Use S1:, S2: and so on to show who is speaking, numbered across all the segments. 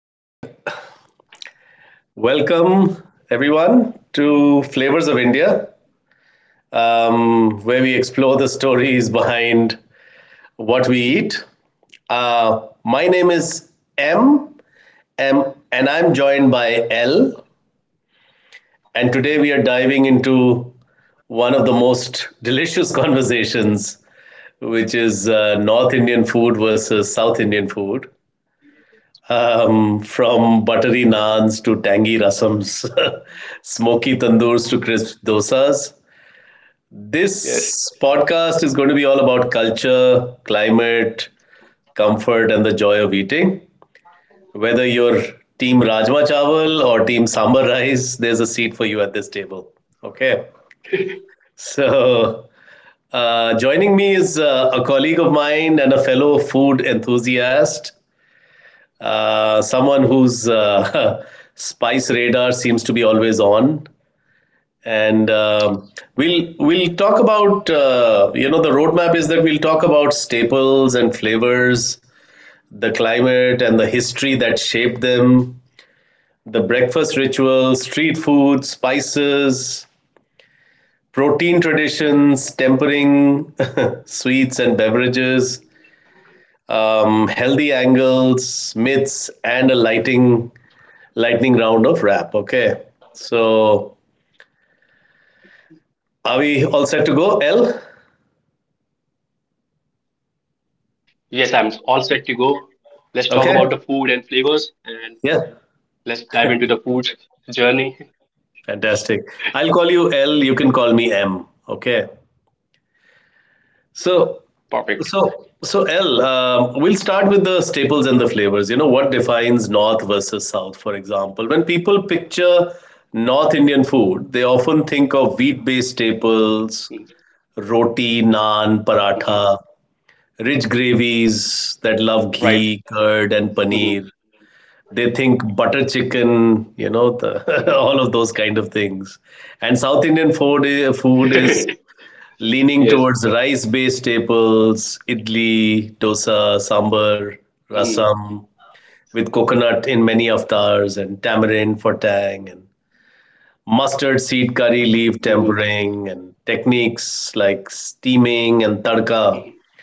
S1: All right. Welcome, everyone, to Flavors of India, where we explore the stories behind what we eat. My name is M, M, and I'm joined by L. And today we are diving into one of the most delicious conversations, which is North Indian food versus South Indian food. From buttery
S2: Mhm.
S1: naans to tangy rasams, smoky tandoors to crisp dosas,
S2: Yes.
S1: this podcast is going to be all about culture, climate, comfort, and the joy of eating. Whether you're team Rajma Chawal or team Sambar Rice, there's a seat for you at this table. Okay. So, Joining me is a colleague of mine and a fellow food enthusiast, someone whose spice radar seems to be always on. And we'll talk about you know, the roadmap is that we'll talk about staples and flavors, the climate and the history that shaped them, the breakfast rituals, street food, spices, protein traditions, tempering, sweets and beverages, healthy angles, myths, and a lightning round of rap. Okay, so are we all set to go, L?
S2: Yes, I'm all set to go. Let's talk
S1: Okay.
S2: about the food and flavors and
S1: Yeah.
S2: let's dive into the food journey.
S1: Fantastic. I'll call you L. You can call me M. Okay. So, so,
S2: Perfect.
S1: so L. We'll start with the staples and the flavors. You know what defines North versus South, for example. When people picture North Indian food, they often think of wheat-based staples,
S2: Mhm.
S1: roti, naan, paratha,
S2: Mhm.
S1: rich gravies that love ghee, curd,
S2: Right.
S1: and paneer.
S2: Mhm.
S1: They think butter chicken, you know,
S2: Mhm.
S1: the, all of those kind of things. And South Indian food is
S2: Yes.
S1: leaning towards rice-based staples, idli, dosa, sambar,
S2: Mhm.
S1: rasam, with coconut in many
S2: Mhm.
S1: avatars, and tamarind for tang, and mustard seed curry leaf
S2: Mhm.
S1: tempering, and techniques like steaming and tadka,
S2: Mhm.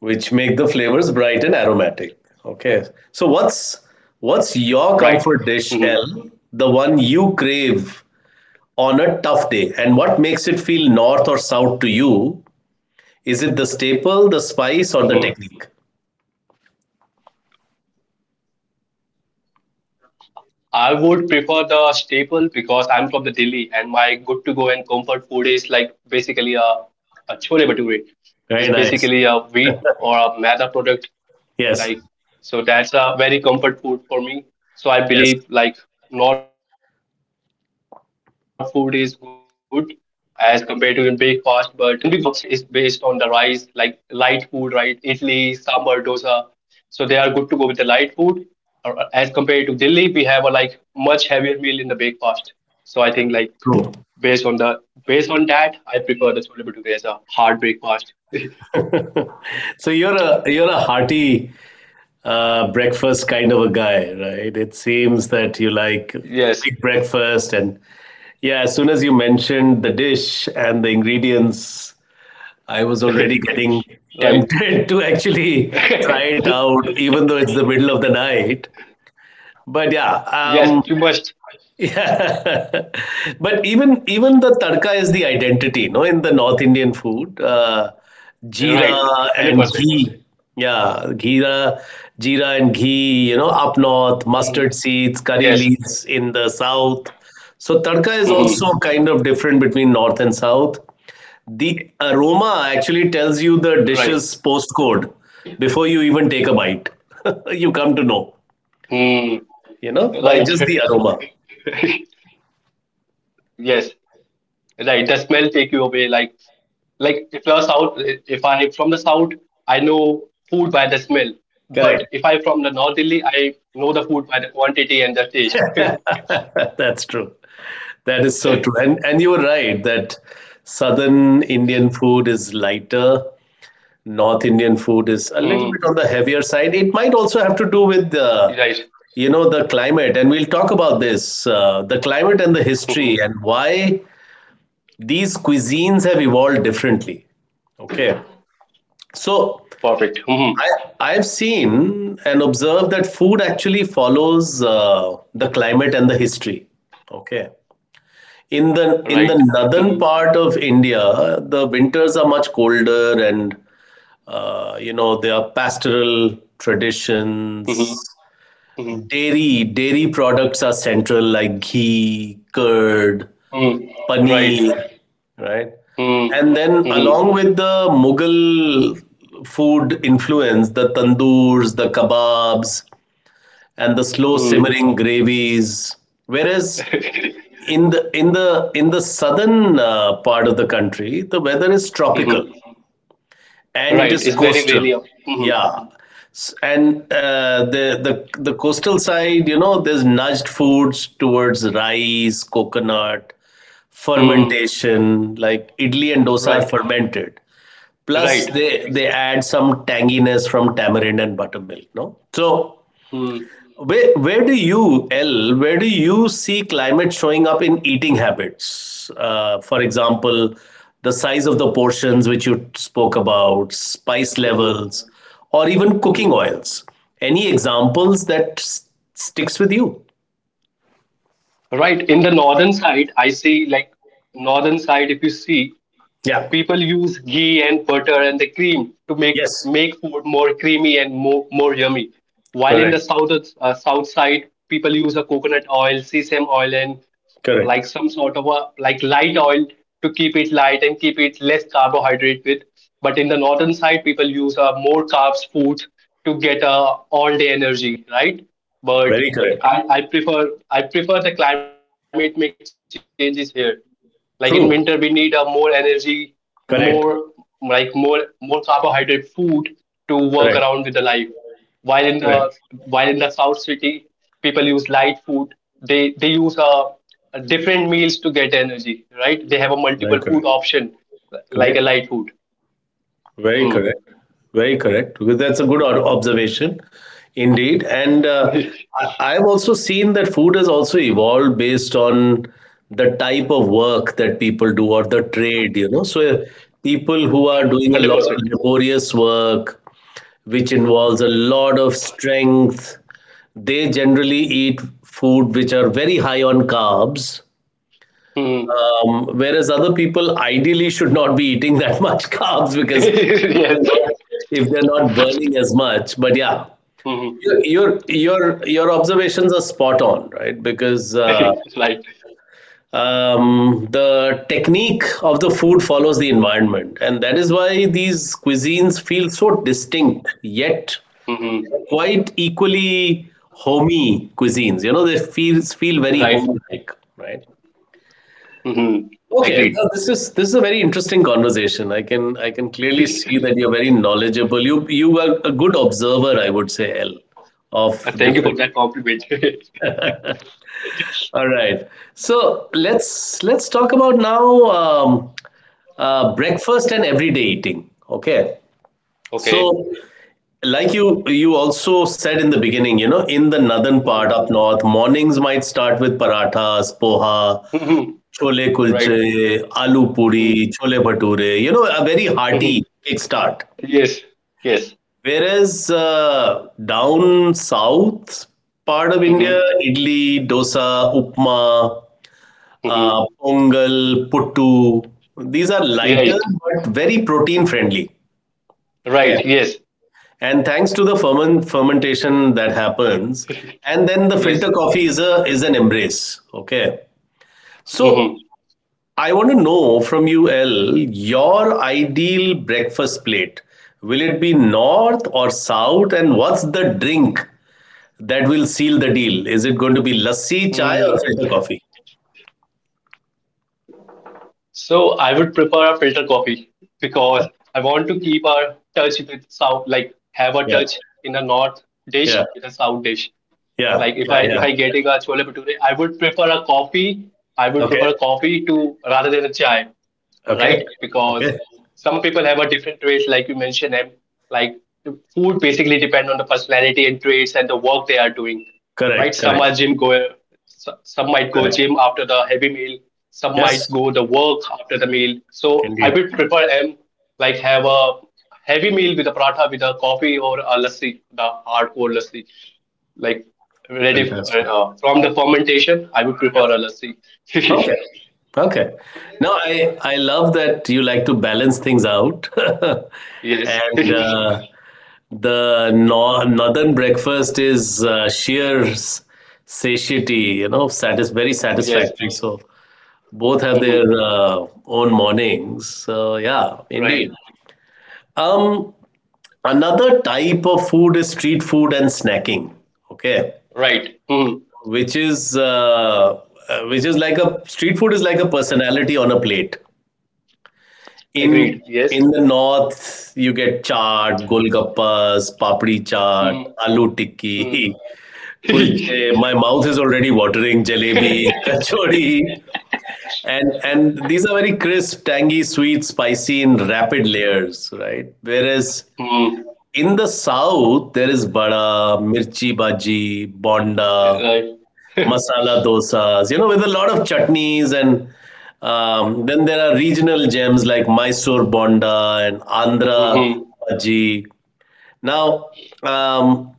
S1: which make the flavors bright and aromatic. Okay. So what's your comfort
S2: Right.
S1: dish, L?
S2: Mhm.
S1: The one you crave on a tough day, and what makes it feel north or south to you? Is it the staple, the spice, or the technique?
S2: Mhm. I would prefer the staple because I'm from the Delhi and my good to go and comfort food is like basically a chole bhature. It's
S1: Very
S2: basically
S1: nice.
S2: a wheat or a maida product like,
S1: Yes.
S2: so that's a very comfort food for me, so I
S1: Yes.
S2: believe like north food is good as compared to in breakfast, but uh, when we go to the south side, it's based on the rice, like light food, right? Idli, sambar, dosa, so they are good to go with the light food. Or as compared to Delhi we have a like much heavier meal in the breakfast, so I think like
S1: True.
S2: based on the based on that I prefer the chole bhature as a hard breakfast.
S1: So you're a hearty breakfast kind of a guy, right? It seems that you like big
S2: Yes.
S1: breakfast, and yeah, as soon as you mentioned the dish and the ingredients, I was already getting tempted to actually try it
S2: Right.
S1: out, even though it's the middle of the night. But yeah,
S2: Yes, you must.
S1: yeah. But even the tadka is the identity, no, in the North Indian food. Jeera and
S2: Right.
S1: ghee.
S2: 100%.
S1: Yeah, ghee, jeera and ghee, you know, up north, mustard seeds, curry
S2: Mhm.
S1: leaves in the
S2: Yes.
S1: south. So tadka is also kind of different
S2: hmm
S1: between north and south. The aroma actually
S2: Right.
S1: tells you the dish's postcode before you even take a bite.
S2: hmm,
S1: You come to know,
S2: Right.
S1: you know, by just the aroma.
S2: Yes. Right. The smell take you away. Like if you're south, if I from the south, I know food by the smell. But if I from the north
S1: Correct.
S2: Delhi, I know the food by the quantity and the taste.
S1: That's true. That is so true. And you were right that southern Indian food is lighter, North Indian food is
S2: hmm
S1: a little bit on the heavier side. It might also have to do with the,
S2: Right.
S1: you know, the climate, and we'll talk about this, the climate and the
S2: hmm
S1: history and why these cuisines have evolved differently. Okay. So
S2: Perfect.
S1: I've seen and observed that food actually follows the climate and the history. Okay. In
S2: Right.
S1: the
S2: hmm
S1: northern part of India, the winters are much colder, and you know, there are pastoral traditions.
S2: hmm hmm
S1: Dairy products are central, like ghee, curd,
S2: hmm Right.
S1: paneer, right?
S2: hmm
S1: And then along
S2: hmm
S1: with the Mughal food influence, the tandoors, the kebabs, and the slow
S2: hmm
S1: simmering gravies. Whereas in the in the southern part of the country, the weather is tropical and it
S2: Right,
S1: is
S2: it's very Benny.
S1: coastal.
S2: Mm-hmm.
S1: Yeah, and the the coastal side, you know, there's nudged foods towards rice, coconut,
S2: Mm,
S1: fermentation, like idli and dosa are
S2: right,
S1: fermented, plus
S2: right.
S1: they
S2: Ex-
S1: they add some tanginess from tamarind and buttermilk, no? So
S2: mm,
S1: where do you, L, where do you see climate showing up in eating habits, for example, the size of the portions, which you spoke about, spice
S2: mm,
S1: levels, or even cooking
S2: mm.
S1: oils? Any examples that sticks with you?
S2: Right, in the northern side, I see like northern side, if you see,
S1: Yeah.
S2: people use ghee and butter and the cream to make
S1: Yes.
S2: make food more creamy and more yummy. While in the
S1: Correct.
S2: south, south side, people use a coconut oil, sesame oil, and
S1: Correct.
S2: like some sort of a like light oil to keep it light and keep it less carbohydrate with. But in the northern side, people use a more carbs food to get a all day energy, right? But
S1: Very correct.
S2: I prefer the climate make changes here, like in
S1: True.
S2: winter we need a more energy,
S1: Correct.
S2: more like more carbohydrate food to work
S1: Correct.
S2: around with the life, while in
S1: Correct.
S2: the while in the south city people use light food, they use different meals to get energy, right? They have a
S1: Very
S2: multiple food
S1: correct.
S2: option like a
S1: Correct.
S2: light food.
S1: Very
S2: hmm.
S1: correct. Very correct. Because that's a good observation, indeed. And I, I've also seen that food has also evolved based on the type of work that people do or the trade. You know, so people who are doing a lot
S2: 100%.
S1: of laborious work, which involves a lot of strength, they generally eat food which are very high on carbs.
S2: hmm.
S1: Whereas other people ideally should not be eating that much carbs, because they're
S2: Yes.
S1: not, if they're not burning as much. But yeah,
S2: hmm
S1: your your observations are spot on, right? Because
S2: right.
S1: the technique of the food follows the environment, and that is why these cuisines feel so distinct yet
S2: hmm
S1: quite equally homey cuisines. You know, they feel very
S2: right.
S1: home-like, right?
S2: hmm
S1: Okay,
S2: Agreed.
S1: this is a very interesting conversation. I can clearly see that you're very knowledgeable. You are a good observer, I would say, L, of
S2: Thank you for
S1: different.
S2: that compliment.
S1: All right, so let's talk about now um, breakfast and everyday eating. Okay, so
S2: Okay.
S1: like you also said in the beginning, you know, in the northern part
S2: Mhm.
S1: up north, mornings might start with parathas, poha,
S2: Mhm.
S1: chole
S2: Right.
S1: kulche, aloo
S2: Mhm.
S1: puri, chole bhature, you know, a very
S2: Mhm.
S1: hearty kickstart.
S2: Yes. Yes.
S1: Whereas down south part of India,
S2: Mhm.
S1: idli, dosa, upma,
S2: Mhm.
S1: pongal, puttu, these are lighter
S2: Right.
S1: but very protein friendly. Okay.
S2: Right. Yes.
S1: And thanks to the fermentation that happens, and then the
S2: Yes.
S1: filter coffee is a is an embrace. Okay. So
S2: Mhm.
S1: I want to know from you, L, your ideal breakfast plate. Will it be north or south? And what's the drink that will seal the deal?
S2: Mhm.
S1: Is it going to be lassi, chai, or filter coffee?
S2: So I would prefer a filter coffee because I want to keep a touch with south, like have a touch in the north
S1: Yeah,
S2: dish in the south dish.
S1: yeah,
S2: Like if I getting
S1: yeah,
S2: a chole
S1: yeah, yeah.
S2: bhature, I would prefer a coffee. I would prefer coffee
S1: Okay,
S2: to rather than a chai, right?
S1: okay,
S2: Because some
S1: okay.
S2: people have a different traits, like you mentioned, and like food basically depend on the personality and traits and the work they are doing, right? Some are
S1: Correct,
S2: gym
S1: correct,
S2: goer, s- some might go gym after
S1: correct.
S2: the heavy meal, some might go the
S1: Yes,
S2: work after the meal. So I would
S1: indeed.
S2: prefer them like have a heavy meal with a paratha with a coffee or a lassi, the hardcore lassi, like ready
S1: Fantastic.
S2: from the fermentation. I would
S1: Yeah.
S2: prefer a lassi.
S1: Okay. Okay. No, I love that you like to balance things out.
S2: Yes.
S1: And the nor northern breakfast is sheer s- satiety, you know, satis very
S2: Yes.
S1: satisfactory. So both have their
S2: Mhm.
S1: own mornings. So yeah,
S2: Right.
S1: indeed. Um, Another type of food is street food and snacking. Okay,
S2: Right. Mhm.
S1: which is uh, which is like, a street food is like a personality on a plate. In
S2: Agreed. Yes.
S1: the north, you get chaat, golgappas, papdi chaat,
S2: Mhm.
S1: aloo
S2: Mhm.
S1: tikki, kulche. My mouth is already watering. Jalebi, kachori, and these are very crisp, tangy, sweet, spicy in rapid layers, right? Whereas
S2: Mhm.
S1: in the south, there is vada, mirchi bhaji, bonda,
S2: Right.
S1: masala dosas, you know, with a lot of chutneys, and then there are regional gems like Mysore Bonda and Andhra
S2: Mhm.
S1: Bhaji. Now, um,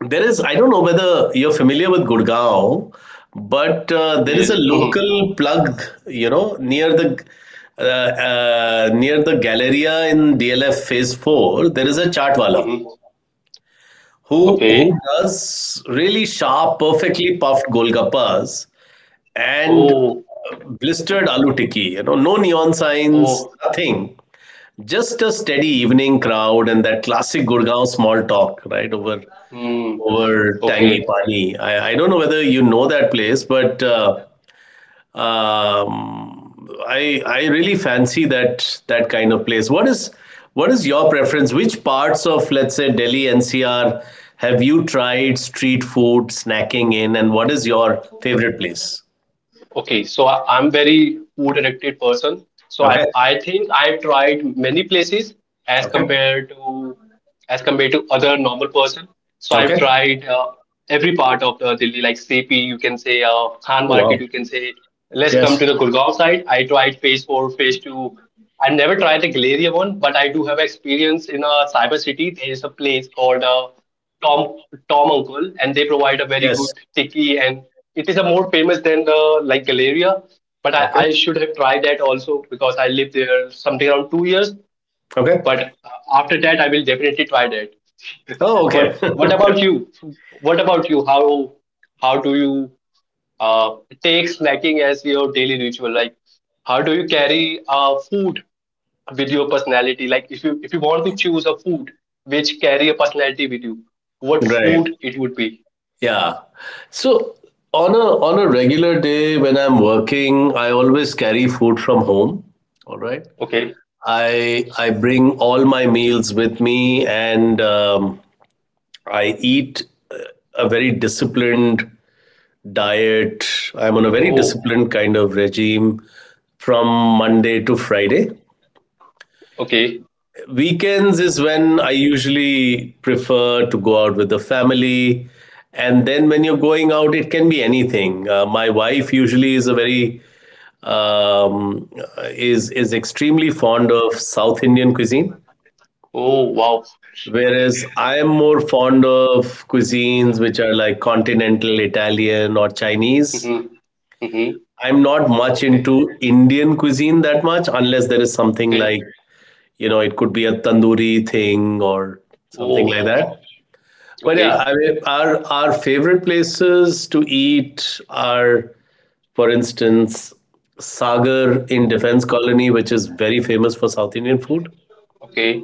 S1: there is, I don't know whether you're familiar with Gurgaon, but there is
S2: Yes.
S1: a
S2: Mhm.
S1: local plug, you know, uh, near the Galleria in DLF Phase 4, there is a Chaatwala
S2: Mhm.
S1: who
S2: Okay.
S1: does really sharp, perfectly puffed golgappas and
S2: Oh.
S1: blistered aloo tikki. You know, no neon signs,
S2: Oh.
S1: nothing. Just a steady evening crowd and that classic Gurgaon small talk, right? Over
S2: Mhm.
S1: over tangi
S2: Okay.
S1: pani. I don't know whether you know that place, but I really fancy that that kind of place. What is your preference? Which parts of, let's say, Delhi NCR have you tried street food snacking in, and what is your favorite place?
S2: Okay, so I- I'm very food addicted person. So I
S1: Okay,
S2: I think I've tried many places as
S1: okay.
S2: compared to other normal person. So I've
S1: Okay.
S2: tried every part of the Delhi, like CP, you can say, Khan
S1: Oh
S2: Market,
S1: wow.
S2: you can say. Let's come
S1: Yes.
S2: to the Gurgaon side. I tried phase four, phase two. I never tried the Galleria one, but I do have experience in a cyber city. There is a place called Tom Tom Uncle, and they provide a very
S1: Yes.
S2: good tikki and it is a more famous than the like Galeria. But I,
S1: Okay.
S2: I should have tried that also because I lived there something around 2 years.
S1: Okay.
S2: But after that, I will definitely try that.
S1: Oh, okay.
S2: But what about you? How how do you uh, take snacking as your daily ritual? Like how do you carry food with your personality, like if you want to choose a food which carry a personality with you, what
S1: Right.
S2: food it would be?
S1: Yeah. So on a regular day when I'm working, I always carry food from home. All right.
S2: Okay.
S1: I bring all my meals with me, and I eat uh, a very disciplined diet. I'm on a very
S2: Oh.
S1: disciplined kind of regime from Monday to Friday.
S2: Okay.
S1: Weekends is when I usually prefer to go out with the family. And then when you're going out, it can be anything. My wife usually is a very um, is extremely fond of South Indian cuisine,
S2: Oh wow.
S1: whereas I am more fond of cuisines which are like continental Italian or Chinese.
S2: Mm-hmm. Mm-hmm.
S1: I'm not much
S2: Okay.
S1: into Indian cuisine that much, unless there is something
S2: Okay.
S1: like, you know, it could be a tandoori thing or something
S2: Oh.
S1: like that. But yeah,
S2: Okay.
S1: I mean, our favorite places to eat are, for instance, Sagar in Defense Colony, which is very famous for South Indian food.
S2: Okay.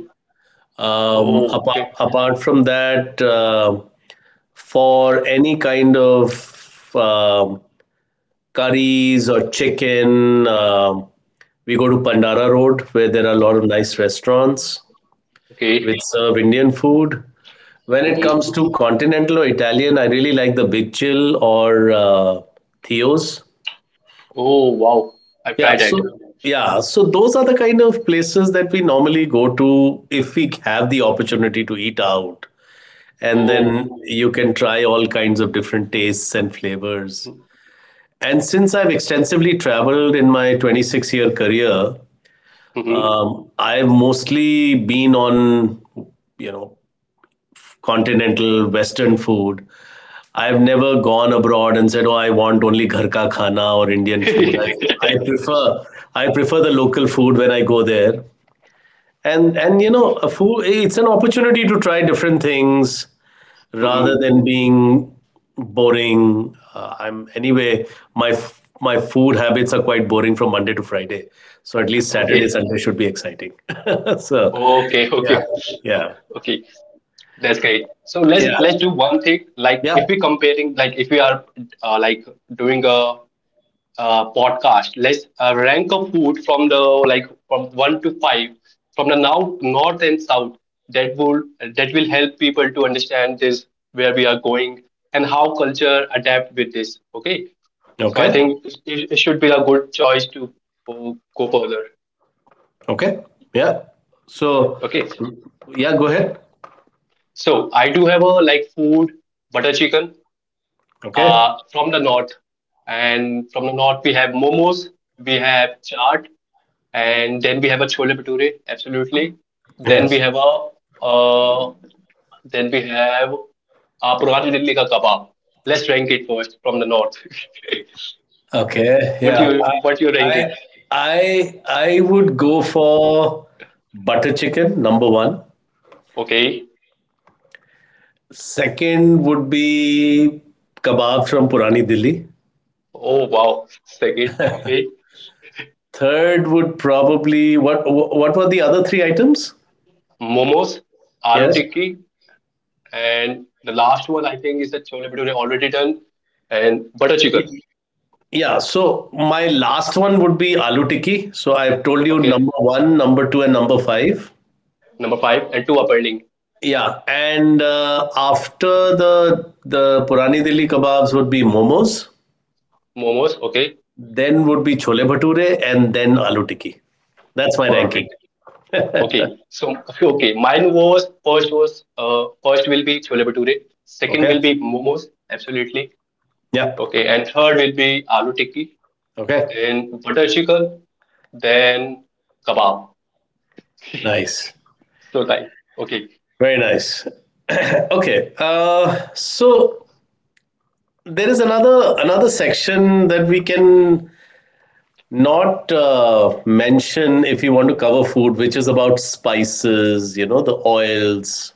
S2: Oh. Okay.
S1: Apart from that, for any kind of curries or chicken, we go to Pandara Road, where there are a lot of nice restaurants
S2: Okay.
S1: which serve Indian food. When it
S2: Mm-hmm.
S1: comes to continental or Italian, I really like the Big Chill or Theo's.
S2: Oh wow. I've
S1: Yeah,
S2: tried that.
S1: so those are the kind of places that we normally go to if we have the opportunity to eat out. And
S2: Oh.
S1: then you can try all kinds of different tastes and flavors.
S2: Mm-hmm.
S1: And since I've extensively traveled in my 26-year career, I've mostly been on, you know, continental Western food. I've never gone abroad and said, "Oh, I want only ghar ka khana or Indian food." I prefer the local food when I go there. A food it's an opportunity to try different things rather
S2: Mm-hmm.
S1: than being boring. I'm anyway my food habits are quite boring from Monday to Friday. So at least Saturday,
S2: Okay.
S1: Sunday should be exciting. so
S2: okay
S1: yeah,
S2: okay
S1: yeah,
S2: okay That's great. So
S1: yeah,
S2: let's do one thing. Like
S1: yeah.
S2: if we comparing, like if we are like doing a podcast, let's rank a food from the like from one to five, from the now north and south. That will that will help people to understand this, where we are going and how culture adapt with this. Okay. So I
S1: Okay.
S2: think it, it should be a good choice to go further.
S1: Okay. Yeah. So,
S2: Okay.
S1: mm, yeah, go ahead.
S2: So I do have a like food, butter chicken
S1: Okay.
S2: from the north. And from the north, we have momos, we have chaat, and then we have a chole bhature. Absolutely. Then
S1: Yes.
S2: we have a uh, then we have a Purani Delhi ka kebab. Let's rank it first from the north.
S1: Okay.
S2: what
S1: Yeah.
S2: you
S1: I
S2: what you ranking?
S1: I I would go for butter chicken number one.
S2: Okay.
S1: Second would be kebab from Purani Delhi.
S2: Oh wow. Second. Okay.
S1: Third would probably what were the other three items?
S2: Momos, aloo
S1: Yes.
S2: tikki, and the last one I think is the chole bhature already done and butter chicken.
S1: Yeah, so my last one would be aloo tikki. So I've told you
S2: Okay.
S1: number one, number two, and number five.
S2: Number five and two are pending.
S1: Yeah, and After the Purani Delhi kebabs would be momos,
S2: Momos, okay.
S1: then would be chole bhature, and then aloo tikki. That's my ranking.
S2: Perfect. Okay, so okay, mine was first will be chole bhature, second
S1: Okay.
S2: will be momos, absolutely. Okay,
S1: Yep.
S2: and third will be aloo tikki,
S1: Okay.
S2: then butter chicken, then kebab.
S1: Nice.
S2: So time. Okay.
S1: Very nice. Okay. So there is another section that we can not mention if you want to cover food, which is about spices. You know, the oils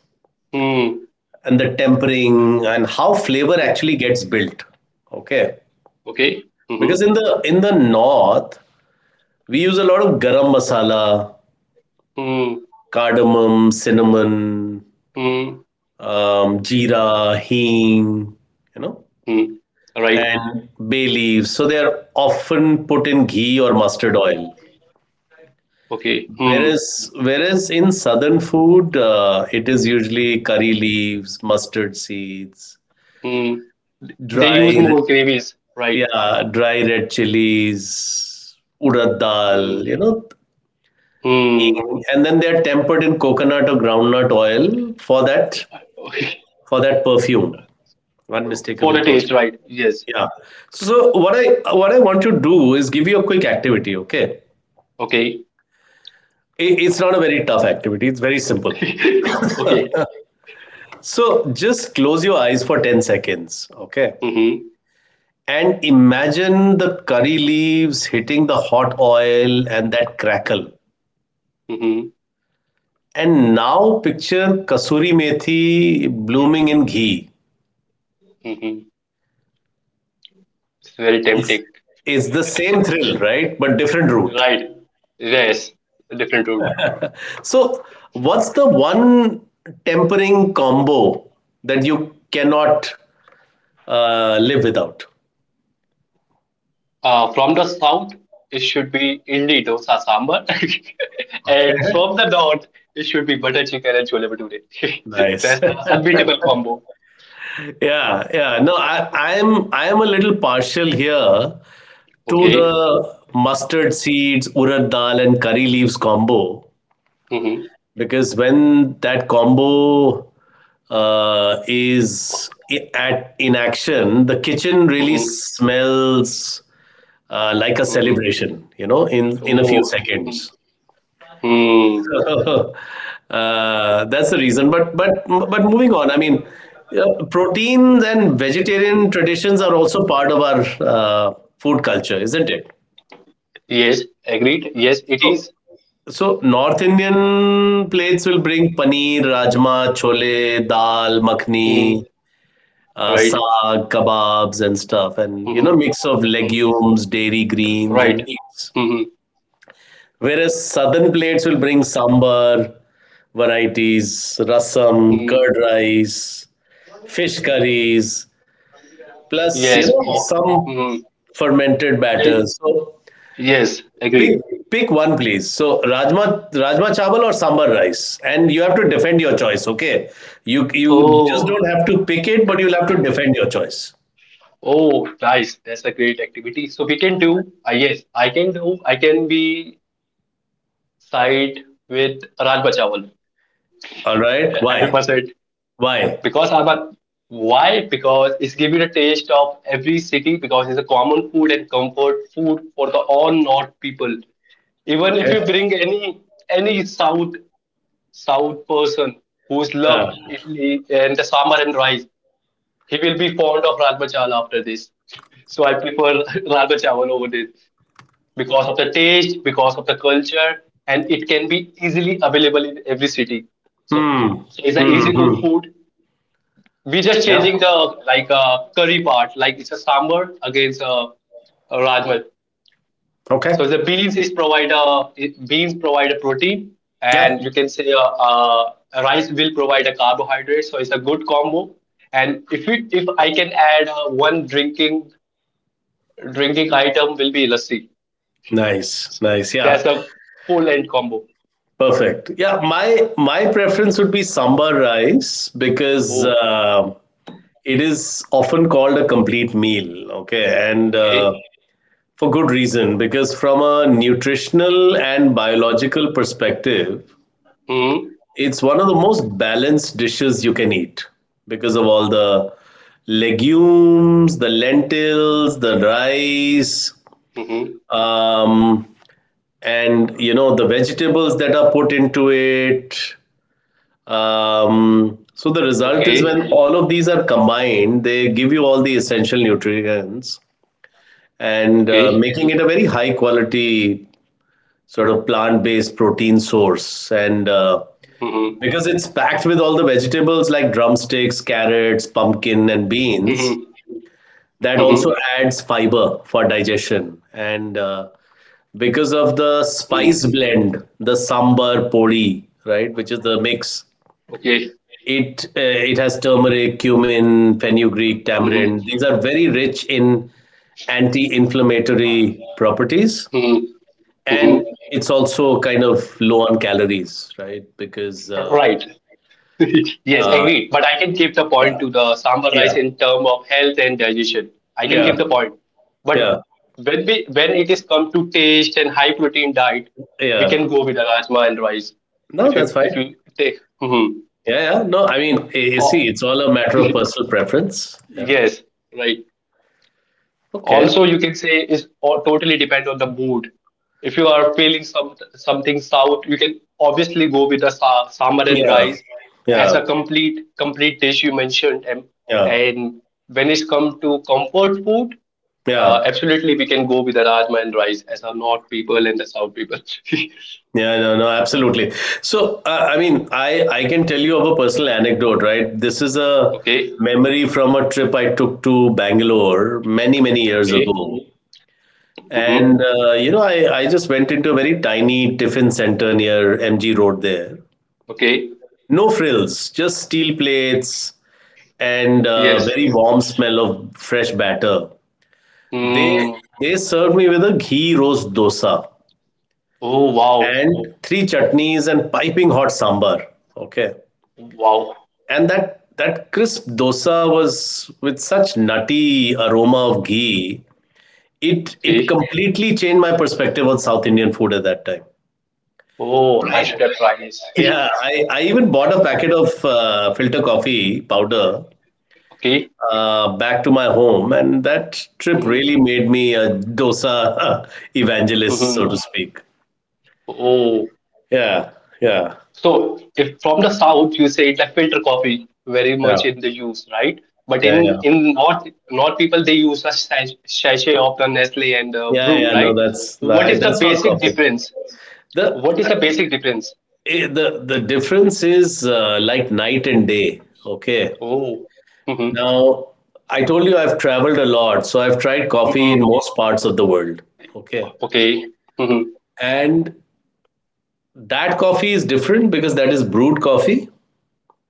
S2: Hmm.
S1: and the tempering and how flavor
S2: hmm,
S1: actually gets built. Okay,
S2: Okay.
S1: because
S2: Mm-hmm.
S1: in the north we use a lot of garam masala,
S2: Hmm.
S1: cardamom, cinnamon,
S2: Hmm.
S1: jeera, hing, you know,
S2: Hmm. Right.
S1: and bay leaves, so they are often put in ghee or mustard oil.
S2: Okay. Hmm.
S1: Whereas whereas in southern food it is usually curry leaves, mustard seeds,
S2: Hmm. They
S1: dry
S2: use more gravies, right?
S1: yeah, dry red chilies, urad dal,
S2: Hmm.
S1: you know,
S2: Hmm.
S1: thing. And then they're tempered in coconut or groundnut oil for that, perfume,
S2: For
S1: unmistakable
S2: the taste,
S1: perfume.
S2: right? Yes.
S1: Yeah. So what I want to do is give you a quick activity. Okay,
S2: Okay.
S1: it's not a very tough activity. It's very simple.
S2: Okay.
S1: So just close your eyes for 10 seconds. Okay.
S2: Mm-hmm.
S1: And imagine the curry leaves hitting the hot oil and that crackle.
S2: Mm-hmm.
S1: And now picture kasuri methi blooming in ghee.
S2: Mm-hmm. It's very tempting.
S1: It's the same thrill, right? But different route.
S2: Right. Yes. Different route.
S1: So, what's the one tempering combo that you cannot live without?
S2: From the south, it should be idli, dosa, sambar, and
S1: Okay.
S2: from the north, it should be butter chicken and chole bhature.
S1: Nice.
S2: That's the unbeatable combo.
S1: Yeah, yeah. No, I am a little partial here to
S2: Okay.
S1: the mustard seeds, urad dal, and curry leaves combo,
S2: Mm-hmm.
S1: because when that combo at in action, the kitchen really
S2: Mm-hmm.
S1: smells like a
S2: Mm-hmm.
S1: celebration. You know, in a few
S2: Oh.
S1: seconds.
S2: Mm.
S1: So that's the reason. But moving on. I mean, proteins and vegetarian traditions are also part of our uh, food culture, isn't it?
S2: Yes. Agreed. Yes, it is.
S1: So North Indian plates will bring paneer, rajma, chole, dal, makhni,
S2: Mm. Right.
S1: saag, kebabs, and stuff, and you know,
S2: Mm-hmm.
S1: mix of
S2: Mm-hmm.
S1: legumes, dairy greens, and
S2: Right.
S1: meats.
S2: Mm-hmm.
S1: Whereas southern plates will bring sambar varieties, rasam,
S2: Mm-hmm.
S1: curd rice, fish curries, plus, you
S2: Yes.
S1: know,
S2: Oh,
S1: some
S2: mhm.
S1: fermented
S2: They,
S1: batters. So
S2: yes,
S1: Pick
S2: agreed.
S1: pick one, please. So rajma chawal or sambar rice, and you have to defend your choice. Okay, you just
S2: Oh,
S1: don't have to pick it, but you'll have to defend your choice.
S2: oh, nice. That's a great activity. So we can do, yes, I can do, I can be side with Raj Bachawal.
S1: All right? Why?
S2: 100%.
S1: Why?
S2: Because I'm a, why? Because it's giving a taste of every city because it's a common food and comfort food for the all North people. Even if
S1: Okay.
S2: you bring any south south person who's love
S1: Uh,
S2: italy and the sambar and rice, he will be fond of Rajma Chawal after this. So I prefer Rajma Chawal over this because of the taste, because of the culture, and it can be easily available in every city. So,
S1: hmm.
S2: so it's an
S1: Hmm.
S2: easy cook
S1: Hmm.
S2: food. We're just
S1: Yeah.
S2: changing the like curry part, like it's a sambar against a Rajma.
S1: Okay.
S2: So the beans is provide a beans provide a protein,
S1: Yeah.
S2: and you can say a rice will provide a carbohydrate. So it's a good combo. And if I can add one drinking item will be lassi.
S1: Nice.
S2: So
S1: Nice.
S2: that's
S1: Yeah.
S2: a full end combo.
S1: Perfect. Yeah. My preference would be sambar rice, because
S2: Oh,
S1: it is often called a complete meal. Okay, and
S2: okay.
S1: for good reason, because from a nutritional and biological perspective,
S2: Hmm.
S1: it's one of the most balanced dishes you can eat because of all the legumes, the lentils, the rice,
S2: Hmm.
S1: um, and you know, the vegetables that are put into it. So the result is
S2: Okay.
S1: when all of these are combined, they give you all the essential nutrients, and
S2: Okay.
S1: making it a very high quality sort of plant-based protein source. And
S2: Hmm.
S1: because it's packed with all the vegetables, like drumsticks, carrots, pumpkin, and beans,
S2: Hmm.
S1: that
S2: Hmm.
S1: also adds fiber for digestion. And because of the spice
S2: Hmm.
S1: blend, the sambar podi, right, which is the mix,
S2: Okay.
S1: it uh, it has turmeric, cumin, fenugreek,
S2: Hmm.
S1: tamarind, these are very rich in anti-inflammatory properties.
S2: Hmm.
S1: And
S2: Hmm.
S1: it's also kind of low on calories, right? Because
S2: Right. Yes,
S1: uh,
S2: agreed. But I can give the point
S1: yeah,
S2: to the sambar rice
S1: yeah,
S2: in term of health and digestion. I can
S1: yeah,
S2: give the point. But
S1: yeah,
S2: when it is come to taste and high protein diet, we
S1: yeah.
S2: can go with the rajma and rice.
S1: No,
S2: If you
S1: that's
S2: if you
S1: fine.
S2: take, hmm
S1: Yeah, yeah. No, I mean, you see,
S2: oh,
S1: it's all a matter of personal preference. Yeah.
S2: yes, right.
S1: Okay.
S2: Also you can say is all, totally depend on the mood. If you are feeling some something south, you can obviously go with the sa- sambar and
S1: Yeah.
S2: rice as
S1: Yeah.
S2: a complete dish you mentioned, and,
S1: Yeah.
S2: and when it's come to comfort food,
S1: Yeah.
S2: absolutely we can go with the rajma and rice as our north people and the south people.
S1: Yeah, no, no, absolutely. So, I mean, I can tell you of a personal anecdote, right? This is a
S2: Okay.
S1: memory from a trip I took to Bangalore many, many years
S2: Okay.
S1: ago.
S2: Mm-hmm.
S1: And you know, I just went into a very tiny tiffin center near MG Road there.
S2: Okay.
S1: No frills, just steel plates and
S2: Yes.
S1: very warm smell of fresh batter. They
S2: Mm.
S1: they served me with a ghee roast dosa
S2: Oh wow.
S1: and three chutneys and piping hot sambar. Okay,
S2: Wow.
S1: and that crisp dosa was with such nutty aroma of ghee. It
S2: Okay.
S1: completely changed my perspective on South Indian food at that time.
S2: Oh, I
S1: I
S2: should have tried this.
S1: Yeah, I even bought a packet of filter coffee powder
S2: Okay.
S1: back to my home, and that trip
S2: Mm-hmm.
S1: really made me a dosa evangelist, so
S2: Mm-hmm.
S1: to speak.
S2: Oh,
S1: Yeah, yeah,
S2: so if from the south you say it's like filter coffee very
S1: yeah,
S2: much in the use, right? But
S1: yeah, yeah,
S2: in north north people they use a sach- sachet of the Nestle and the
S1: yeah,
S2: brew,
S1: yeah. No,
S2: right?
S1: that's
S2: What is the
S1: that's not
S2: basic
S1: coffee.
S2: difference?
S1: The
S2: What is the basic difference?
S1: eh, the difference is like night and day. Okay,
S2: Oh, mm-hmm,
S1: now I told you I've traveled a lot, so I've tried coffee in
S2: mm-hmm,
S1: most parts of the world. Okay.
S2: okay, mm-hmm,
S1: And that coffee is different because that is brewed coffee,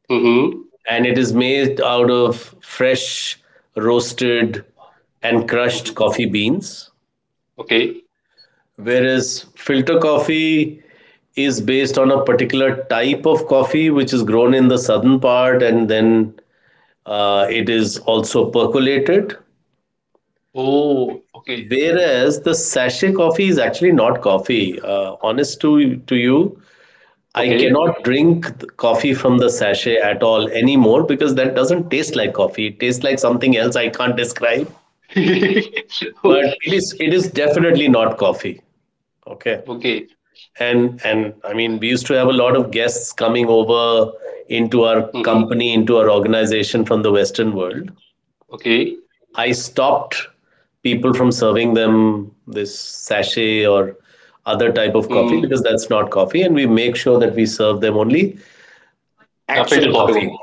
S2: mm-hmm,
S1: and it is made out of fresh, roasted, and crushed
S2: mm-hmm,
S1: coffee beans.
S2: okay.
S1: Whereas filter coffee is based on a particular type of coffee which is grown in the southern part, and then it is also percolated.
S2: Oh, okay,
S1: Whereas the sachet coffee is actually not coffee. Honest to you, I
S2: okay,
S1: cannot drink coffee from the sachet at all anymore, because that doesn't taste like coffee. It tastes like something else I can't describe.
S2: okay,
S1: But it is definitely not coffee. Okay.
S2: okay,
S1: And I mean, we used to have a lot of guests coming over into our
S2: mm-hmm,
S1: company, into our organization from the Western world.
S2: okay.
S1: I stopped people from serving them this sachet or other type of coffee,
S2: Mm,
S1: because that's not coffee, and we make sure that we serve them only
S2: the filter
S1: actual
S2: coffee
S1: coffee,
S2: one.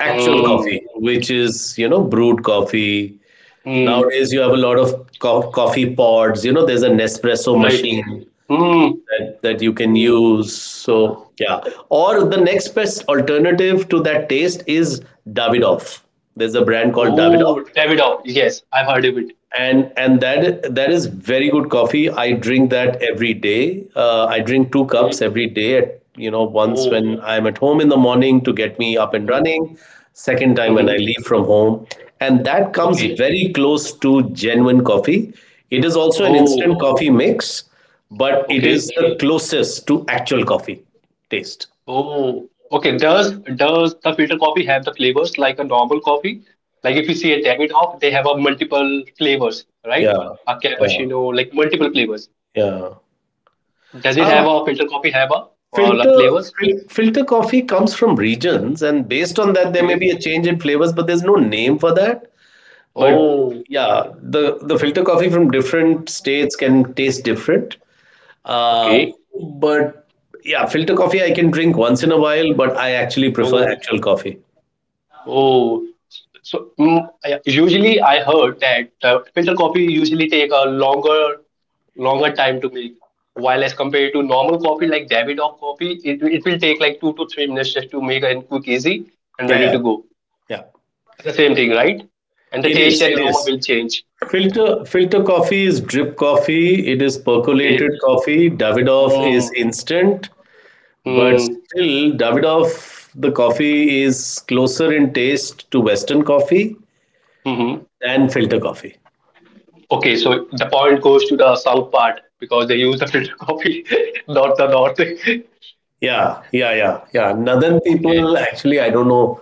S1: actual coffee,
S2: Mm,
S1: which is, you know, brewed coffee.
S2: mm.
S1: Nowadays you have a lot of coffee pods. You know, there's an Nespresso
S2: Right.
S1: machine
S2: Hmm.
S1: that you can
S2: hmm.
S1: use. So yeah, or the next best alternative to that taste is Davidoff. There's a brand called Davidoff,
S2: Oh, Davidoff. Yes, I've heard of it.
S1: and that is very good coffee. I drink that every day. I drink two cups
S2: Okay.
S1: every day. At, you know, once
S2: Oh.
S1: when I'm at home in the morning to get me up and running. Second time when I
S2: Mm-hmm.
S1: leave from home, and that comes
S2: Okay.
S1: very close to genuine coffee. It is also an instant
S2: Oh.
S1: coffee mix, but it
S2: Okay.
S1: is the closest to actual coffee taste.
S2: Oh. Okay. Does the filter coffee have the flavors like a normal coffee? Like if you see a Davidoff, they have a multiple flavors, right?
S1: Yeah,
S2: A
S1: yeah,
S2: cappuccino, like multiple flavors.
S1: yeah.
S2: Does it have
S1: Um,
S2: a filter coffee have a,
S1: Filter
S2: flavors?
S1: filter coffee comes from regions, and based on that, there may
S2: Okay.
S1: be a change in flavors, but there's no name for that. But
S2: Oh.
S1: yeah, the filter coffee from different states can taste different. Uh,
S2: Okay.
S1: but yeah, filter coffee I can drink once in a while, but I actually prefer
S2: Oh.
S1: actual coffee.
S2: Oh. So mm, I- usually I heard that filter coffee usually take a longer time to make, while as compared to normal coffee like Davidoff coffee, it will take like 2 to 3 minutes just to make and cook easy and
S1: Yeah,
S2: ready
S1: yeah,
S2: to go.
S1: yeah.
S2: It's the same thing, right? And the
S1: It
S2: taste
S1: is,
S2: and
S1: it
S2: aroma
S1: is.
S2: will change.
S1: Filter coffee is drip coffee. It is
S2: Okay.
S1: percolated coffee. Davidoff is
S2: Mm,
S1: instant. But
S2: mm,
S1: still, Davidoff, the coffee is closer in taste to Western coffee
S2: hmm
S1: than filter coffee.
S2: Okay, so the point goes to the south part because they use the filter coffee, not the north. Okay.
S1: Yeah, yeah, yeah, yeah. Northern people, actually, I don't know.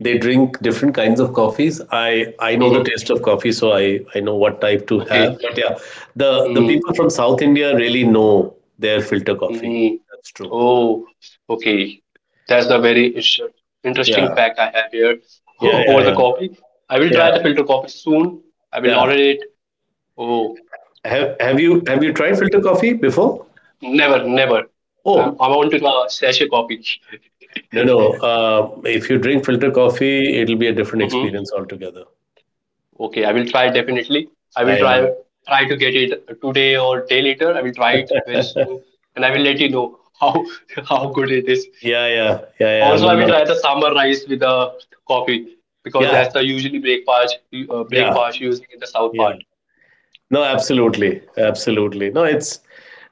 S1: They drink different kinds of coffees. I know the
S2: Mm-hmm.
S1: taste of coffee, so I know what type to have.
S2: Okay.
S1: But yeah, the people
S2: Mm-hmm.
S1: from South India really know their filter coffee.
S2: Mm-hmm.
S1: That's true.
S2: Oh, okay. That's the very ish- interesting
S1: Yeah,
S2: fact I have here
S1: yeah, yeah,
S2: over the
S1: yeah,
S2: coffee. I will
S1: yeah,
S2: try the filter coffee soon. I will
S1: yeah.
S2: order it. Oh,
S1: Have you tried filter coffee before?
S2: never, never. I'm,
S1: Oh,
S2: I'm on to the sachet coffee.
S1: no, no. If you drink filter coffee, it'll be a different
S2: Mm-hmm.
S1: experience altogether.
S2: Okay, I will try definitely. I will
S1: Yeah, yeah,
S2: try
S1: yeah,
S2: to get it today or day later. I will try it very soon, and I will let you know how how good it is.
S1: yeah.
S2: Also, I
S1: No,
S2: will
S1: no.
S2: try the sambar rice with the coffee because
S1: Yeah,
S2: that's the usually breakfast uh,
S1: yeah,
S2: breakfast using in the south
S1: yeah.
S2: part.
S1: No, absolutely, absolutely. No, it's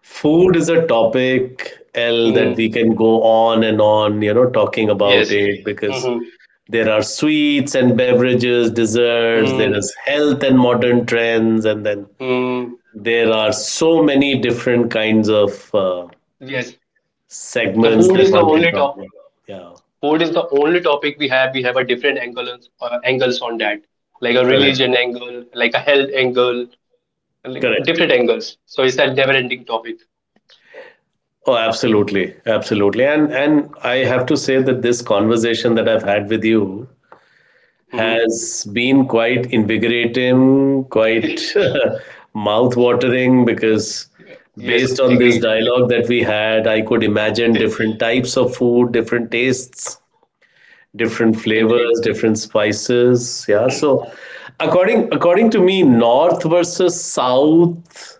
S1: food is a topic, L, that we
S2: Mm,
S1: can go on and on, you know, talking about
S2: yes.
S1: it, because
S2: Mm-hmm.
S1: there are sweets and beverages, desserts. There
S2: Mm,
S1: is health and modern trends, and then
S2: mm,
S1: there are so many different kinds of.
S2: yes. The
S1: Segments
S2: food
S1: that
S2: is the
S1: one can
S2: only
S1: talk
S2: top.
S1: about. Yeah,
S2: Food is the only topic we have. We have a different angle on- angles on that, like a
S1: correct,
S2: religion angle, like a health angle, like
S1: correct.
S2: different angles. So it's a never-ending topic.
S1: Oh, absolutely, absolutely. And I have to say that this conversation that I've had with you has been quite invigorating, quite
S2: Mm-hmm.
S1: mouth-watering, because
S2: Yes,
S1: based on this
S2: agreed.
S1: dialogue that we had, I could imagine different types of food, different tastes, different
S2: Indeed.
S1: flavors, different spices. Yeah. So according to me, north versus south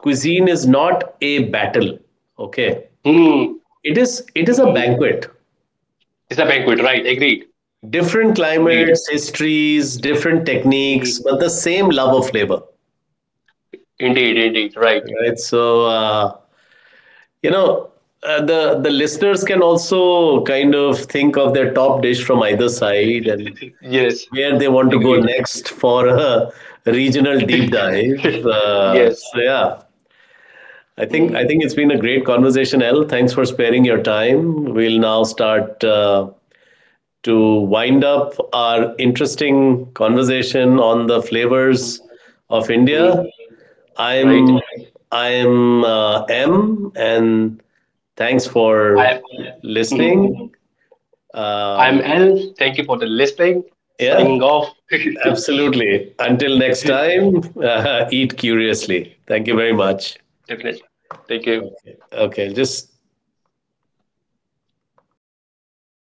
S1: cuisine is not a battle, okay,
S2: Hmm.
S1: it is a
S2: Hmm.
S1: banquet.
S2: It's a banquet, right? Agreed.
S1: Different
S2: Indeed.
S1: climates, histories, different techniques,
S2: Hmm.
S1: but the same love of flavor,
S2: Indeed, indeed, right.
S1: right? So uh, you know, the listeners can also kind of think of their top dish from either side and
S2: Yes,
S1: where they want to go
S2: agreed.
S1: next for a regional deep dive.
S2: Yes.
S1: So yeah, I
S2: Mm,
S1: think it's been a great conversation, El. Thanks for sparing your time. We'll now start to wind up our interesting conversation on the
S2: mm,
S1: flavors of
S2: mm,
S1: India.
S2: right.
S1: I'm I'm M, and thanks for
S2: I, mm,
S1: listening.
S2: I'm
S1: Um,
S2: Al. Thank you for the listening.
S1: yeah,
S2: Signing off.
S1: absolutely. Until next time, eat curiously. Thank you very much.
S2: Definitely. Thank you.
S1: Okay. Okay. Just